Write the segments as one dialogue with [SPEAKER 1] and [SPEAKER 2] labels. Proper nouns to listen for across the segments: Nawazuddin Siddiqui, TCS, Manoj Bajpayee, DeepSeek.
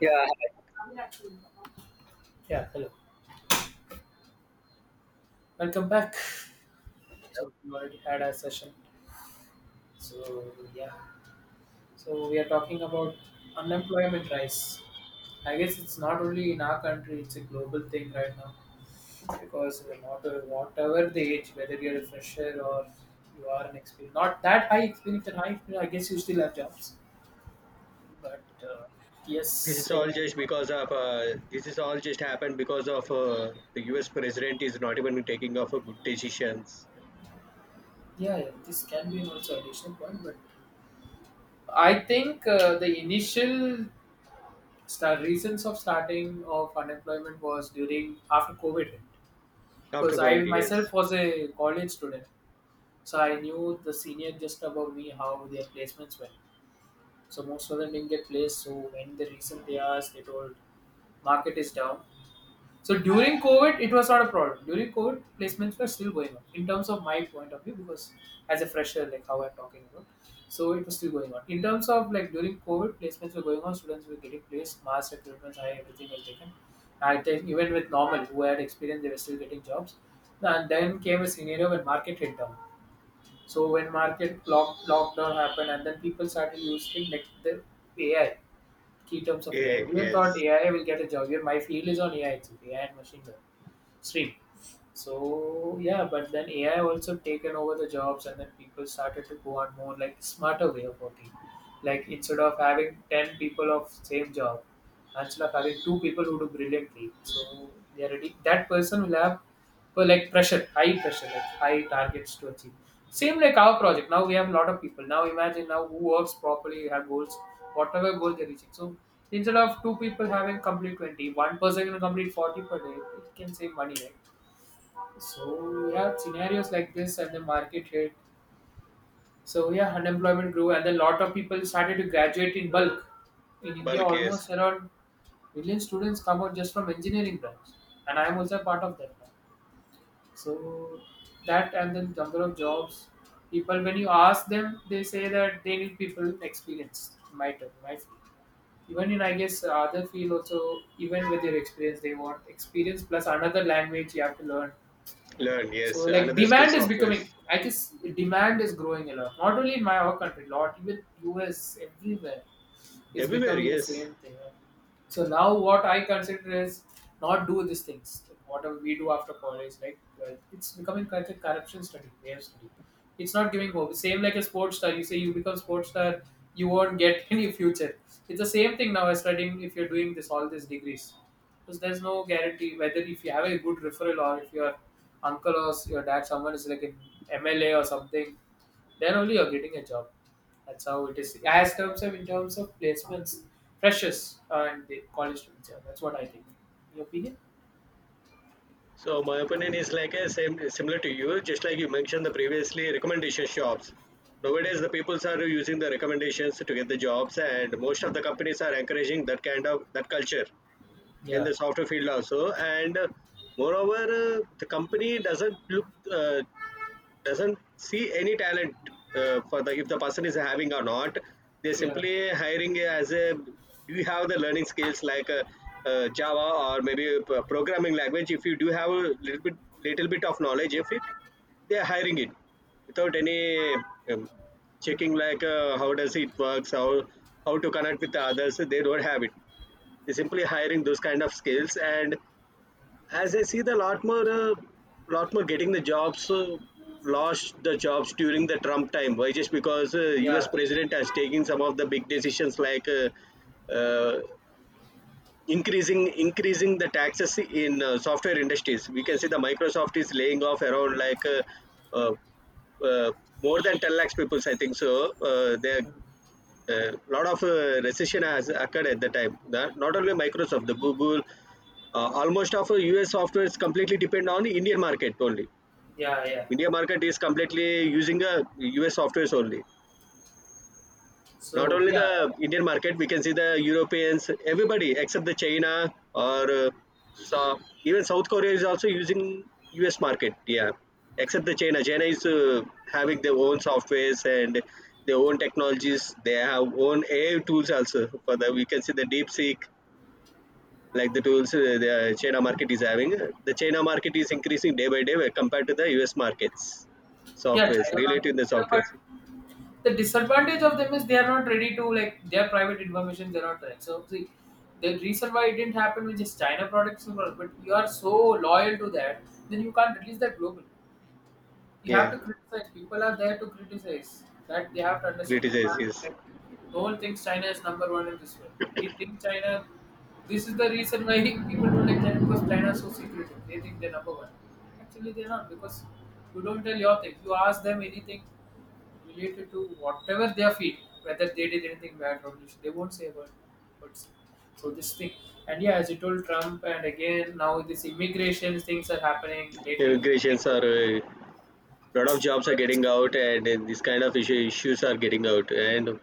[SPEAKER 1] Yeah,
[SPEAKER 2] Yeah, hello. Welcome back. So we already had our session. So yeah. So we are talking about unemployment rise. I guess it's not only in our country, it's a global thing right now. Because not whatever the age, whether you're a fresher or you are an experienced, not that high experience and high experience, I guess you still have jobs. But yes, so
[SPEAKER 1] this is all just happened because of the U.S. president is not even taking off good decisions.
[SPEAKER 2] yeah, yeah, this can be also additional point, but I think the initial start, reasons of starting of unemployment was during after COVID hit
[SPEAKER 1] After
[SPEAKER 2] because I
[SPEAKER 1] COVID.
[SPEAKER 2] myself
[SPEAKER 1] Yes,
[SPEAKER 2] was a college student, so I knew the senior just above me how their placements went. So most of them didn't get placed. So when the reason they asked, they told market is down. So during COVID, it was not a problem. During COVID, placements were still going on in terms of my point of view because as a fresher, like how I'm talking about, so it was still going on. In terms of like during COVID, placements were going on. Students were getting placed, mass recruitments, high everything was taken. I think even with normal who had experience, they were still getting jobs. And then came a scenario when market hit down. So when market lockdown happened, and then people started using like the AI, key terms of AI.
[SPEAKER 1] yeah,
[SPEAKER 2] Everyone thought
[SPEAKER 1] yes.
[SPEAKER 2] AI will get a job. Here, my field is on AI, it's AI and machine learning stream. So yeah, but then AI also taken over the jobs, and then people started to go on more like smarter way of working. Like instead of having 10 people of same job, instead of having two people who do brilliantly, so they are ready. That person will have well, like pressure, high pressure, like high targets to achieve. Same like our project. Now we have a lot of people. Now imagine now who works properly, you have goals, whatever goal they're reaching. So instead of two people having complete 20, one person can complete 40 per day, it can save money, right? So yeah, scenarios like this and the market rate. So yeah, unemployment grew and a lot of people started to graduate in bulk. In India,
[SPEAKER 1] Bulk, yes.
[SPEAKER 2] almost around million students come out just from engineering branch. And I am also a part of that. So that and then number of jobs, people when you ask them, they say that they need people experienced in my term, my field. Even in I guess other field also, even with your experience, they want experience plus another language you have to learn.
[SPEAKER 1] Learn,
[SPEAKER 2] So
[SPEAKER 1] yes,
[SPEAKER 2] like
[SPEAKER 1] another skill
[SPEAKER 2] demand is
[SPEAKER 1] software.
[SPEAKER 2] becoming, I guess demand is growing a lot. Not only in my our country, lot even US everywhere is
[SPEAKER 1] Everywhere.
[SPEAKER 2] becoming the
[SPEAKER 1] Yes.
[SPEAKER 2] same thing. So now what I consider is not do these things. Like whatever we do after college, like it's becoming kind of corruption study, their study. It's not giving hope. Same like a sports star. You say you become sports star, you won't get any future. It's the same thing now as studying if you're doing this all these degrees because there's no guarantee whether if you have a good referral or if your uncle or your dad someone is like an MLA or something, then only you're getting a job. That's how it is. As terms of in terms of placements, freshers and the college students. Yeah, that's what I think. Your opinion?
[SPEAKER 1] So my opinion is like a same similar to you, just like you mentioned the previously recommendation shops.
[SPEAKER 2] Mm.
[SPEAKER 1] Nowadays, the peoples are using the recommendations to get the jobs, and most of the companies are encouraging that kind of that culture in
[SPEAKER 2] Yeah,
[SPEAKER 1] the software field also. And moreover, the company uh, doesn't see any talent, for the if the person is having or not. They
[SPEAKER 2] yeah.
[SPEAKER 1] simply hiring as a, do you have the learning skills? Like java, or maybe a programming language. If you do have a little bit little bit of knowledge, if it, they're hiring it without any um,
[SPEAKER 2] Mm.
[SPEAKER 1] checking. Like how does it works, how to connect with the others, they don't have it. They're simply hiring those kind of skills. And as I see, the lot more getting the jobs, lost the jobs during the Trump time. Why? Just because U.S.
[SPEAKER 2] Yeah.
[SPEAKER 1] president has taken some of the big decisions, like, uh, increasing the taxes in software industries. We can see the Microsoft is laying off around, like, uh, uh, more than 10 lakhs people, I think so. They are,
[SPEAKER 2] Mm.
[SPEAKER 1] a lot of recession has occurred at the time. The, not only Microsoft, the Google, almost of US software is completely depend on Indian market only.
[SPEAKER 2] Yeah, yeah.
[SPEAKER 1] India market is completely using US softwares only. Not
[SPEAKER 2] So
[SPEAKER 1] only
[SPEAKER 2] yeah,
[SPEAKER 1] the Indian market, we can see the Europeans, everybody except the China, or so even South Korea is also using US market. Yeah, except the China. China is having their own softwares and their own technologies. They have own AI tools also. For the, we can see the DeepSeek like the tools, the China market is having. The China market is increasing day by day when compared to the US markets.
[SPEAKER 2] yeah,
[SPEAKER 1] Softwares
[SPEAKER 2] China
[SPEAKER 1] related
[SPEAKER 2] market.
[SPEAKER 1] to the
[SPEAKER 2] Yeah, but
[SPEAKER 1] softwares.
[SPEAKER 2] the disadvantage of them is they are not ready to like their private information they're not ready. So see, the reason why it didn't happen with just China products, but you are so loyal to that, then you can't release that globally you have
[SPEAKER 1] Yeah,
[SPEAKER 2] to criticize. People are there to criticize. That they have to understand. You
[SPEAKER 1] criticize,
[SPEAKER 2] can't
[SPEAKER 1] yes.
[SPEAKER 2] like, no one thinks China is number one in this world. We think China. This is the reason why people don't like China because China is so secretive. They think they're number one. Actually, they're not because you don't tell your thing. You ask them anything related to whatever their field, whether they did anything bad or not. They won't say a word. But so this thing, and yeah, as you told Trump, and again now this immigration things are happening lately.
[SPEAKER 1] Immigrations are, a lot of
[SPEAKER 2] So
[SPEAKER 1] jobs are
[SPEAKER 2] it's.
[SPEAKER 1] getting out, and this kind of issues are getting out. And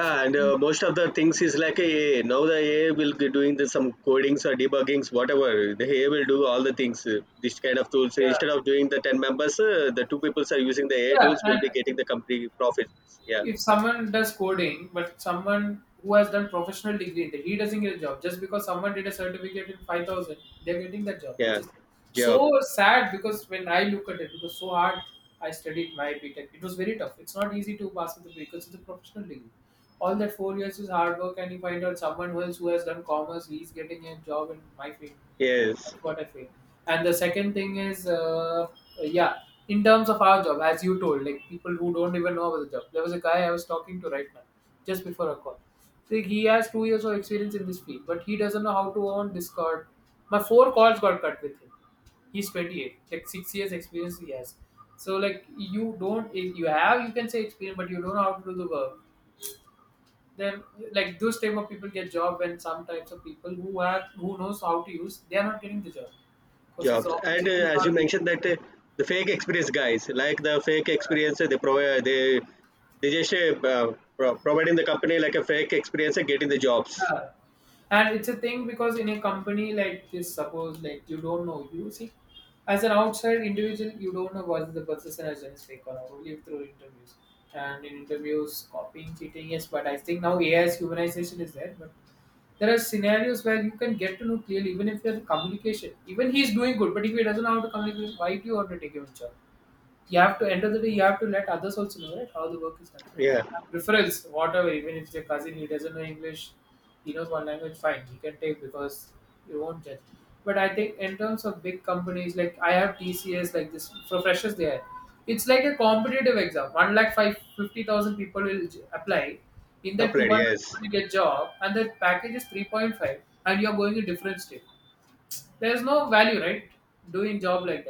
[SPEAKER 2] So
[SPEAKER 1] and most of the things is like a, now the AI will be doing the, some codings or debuggings, whatever the AI will do all the things, this kind of tools. So
[SPEAKER 2] yeah.
[SPEAKER 1] instead of doing the 10 members, the two people are using the AI
[SPEAKER 2] Yeah,
[SPEAKER 1] tools will
[SPEAKER 2] and
[SPEAKER 1] be getting the company profits. Yeah.
[SPEAKER 2] if someone does coding, but someone who has done professional degree in that, he doesn't get a job. Just because someone did a certificate in 5,000, they're getting that job, which
[SPEAKER 1] Yeah.
[SPEAKER 2] is
[SPEAKER 1] Job,
[SPEAKER 2] so sad because when I look at it, it was so hard. I studied my B.Tech. It was very tough. It's not easy to pass with the because it's a professional degree. All that 4 years is hard work, and you find out someone else who has done commerce, he's getting a job in my field.
[SPEAKER 1] yes.
[SPEAKER 2] That's what I feel. And the second thing is, yeah, in terms of our job, as you told, like people who don't even know about the job. There was a guy I was talking to right now, just before a call. See, he has 2 years of experience in this field, but he doesn't know how to own Discord. My four calls got cut with him. He's 28, like 6 years experience he has. So like you don't, if you have you can say experience, but you don't know how to do the work then like those type of people get job and some types of people who are who knows how to use they are not getting the job because his
[SPEAKER 1] Jobs. And
[SPEAKER 2] opportunity is
[SPEAKER 1] as
[SPEAKER 2] not
[SPEAKER 1] you
[SPEAKER 2] reaching
[SPEAKER 1] mentioned
[SPEAKER 2] them.
[SPEAKER 1] that, the fake experience guys, like the fake
[SPEAKER 2] Yeah.
[SPEAKER 1] experience, they provide, they just providing the company like a fake experience and getting the jobs.
[SPEAKER 2] Yeah. And it's a thing because in a company like this, suppose like you don't know, you see, as an outside individual, you don't know what the person has done fake or not, only through interviews. And in interviews, copying, cheating, yes, but I think now AI's humanization is there. But there are scenarios where you can get to know clearly, even if there's communication. Even he's doing good, but if he doesn't know how to communicate, why do you want to take him a job? You have to end of the day, you have to let others also know, right? How the work is done.
[SPEAKER 1] Yeah.
[SPEAKER 2] And preference, whatever, even if it's your cousin, he doesn't know English, he knows one language, fine, you can take because you won't judge. But I think in terms of big companies, like I have TCS, like this for freshers there, it's like a competitive exam. 1 lakh 550,000 people will apply. In that two
[SPEAKER 1] Applied,
[SPEAKER 2] one
[SPEAKER 1] yes.
[SPEAKER 2] people you get job, and the package is 3.5, and you're going a different state. There's no value, right? Doing job like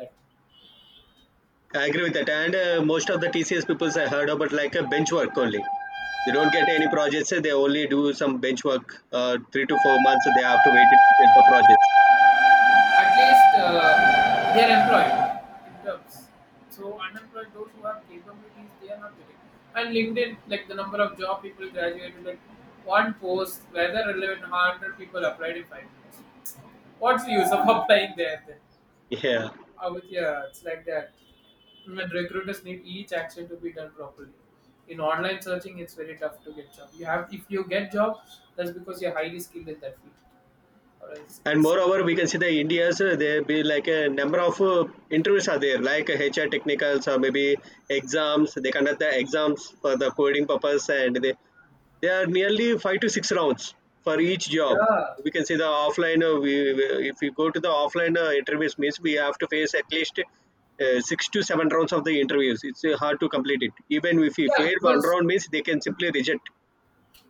[SPEAKER 1] I agree with that. And most of the TCS peoples, I heard about, like a bench work only. They don't get any
[SPEAKER 2] that.
[SPEAKER 1] projects, they only do some bench work, 3 to 4 months, they have to wait to get the projects.
[SPEAKER 2] At least they are employed in terms. So unemployed, those who have capabilities, they are not getting. And LinkedIn, like the number of job people graduated, like one post, whether relevant, 100 people applied in 5 minutes. What's the use of applying there? Then?
[SPEAKER 1] Yeah.
[SPEAKER 2] With yeah, it's like that. When recruiters need each action to be done properly. In online searching, it's very tough to get job. You have if you get job, that's because you're highly skilled in that field, or else
[SPEAKER 1] And
[SPEAKER 2] it's.
[SPEAKER 1] moreover, we can see the India's, there be like a number of interviews are there, like HR technicals, or maybe exams. They conduct the exams for the coding purpose, and they are nearly five to six rounds for each job.
[SPEAKER 2] Yeah,
[SPEAKER 1] We can see the offline, if we go to the offline interviews, means we have to face at least six to seven rounds of the interviews. It's hard to complete it, even if we
[SPEAKER 2] yeah
[SPEAKER 1] fail one
[SPEAKER 2] because
[SPEAKER 1] round, means they can simply reject.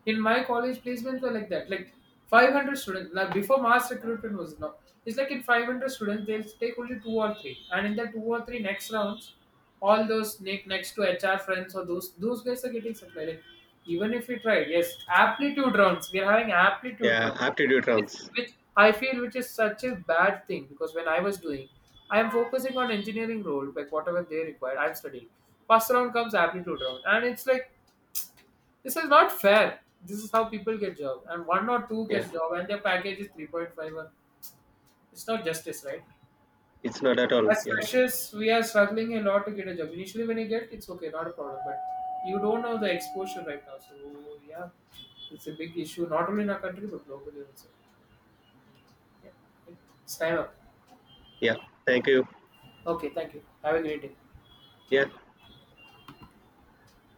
[SPEAKER 2] in my college placements were like that like 500 students. Now, before mass recruitment was now it's like in 500 students they'll take only two or three and in the two or three next rounds all those next to HR friends or those guys are getting supplied like, even if we try yes aptitude rounds we are having aptitude
[SPEAKER 1] Yeah,
[SPEAKER 2] rounds.
[SPEAKER 1] aptitude
[SPEAKER 2] Yes,
[SPEAKER 1] rounds.
[SPEAKER 2] which I feel which is such a bad thing because when I was doing, I am focusing on engineering role, like whatever they required, I'm studying. First round comes aptitude round, and it's like this is not fair. This is how people get job, and one or two
[SPEAKER 1] Yeah,
[SPEAKER 2] gets job, and their package is 3.5. It's not justice, right?
[SPEAKER 1] it's not at all.
[SPEAKER 2] As
[SPEAKER 1] Yeah.
[SPEAKER 2] freshers, we are struggling a lot to get a job. Initially, when you get, it's okay, not a problem. But you don't know the exposure right now, so yeah, it's a big issue, not only in our country but globally also. Yeah. It's time up.
[SPEAKER 1] Yeah, thank you.
[SPEAKER 2] Okay, thank you. Have a great day.
[SPEAKER 1] Their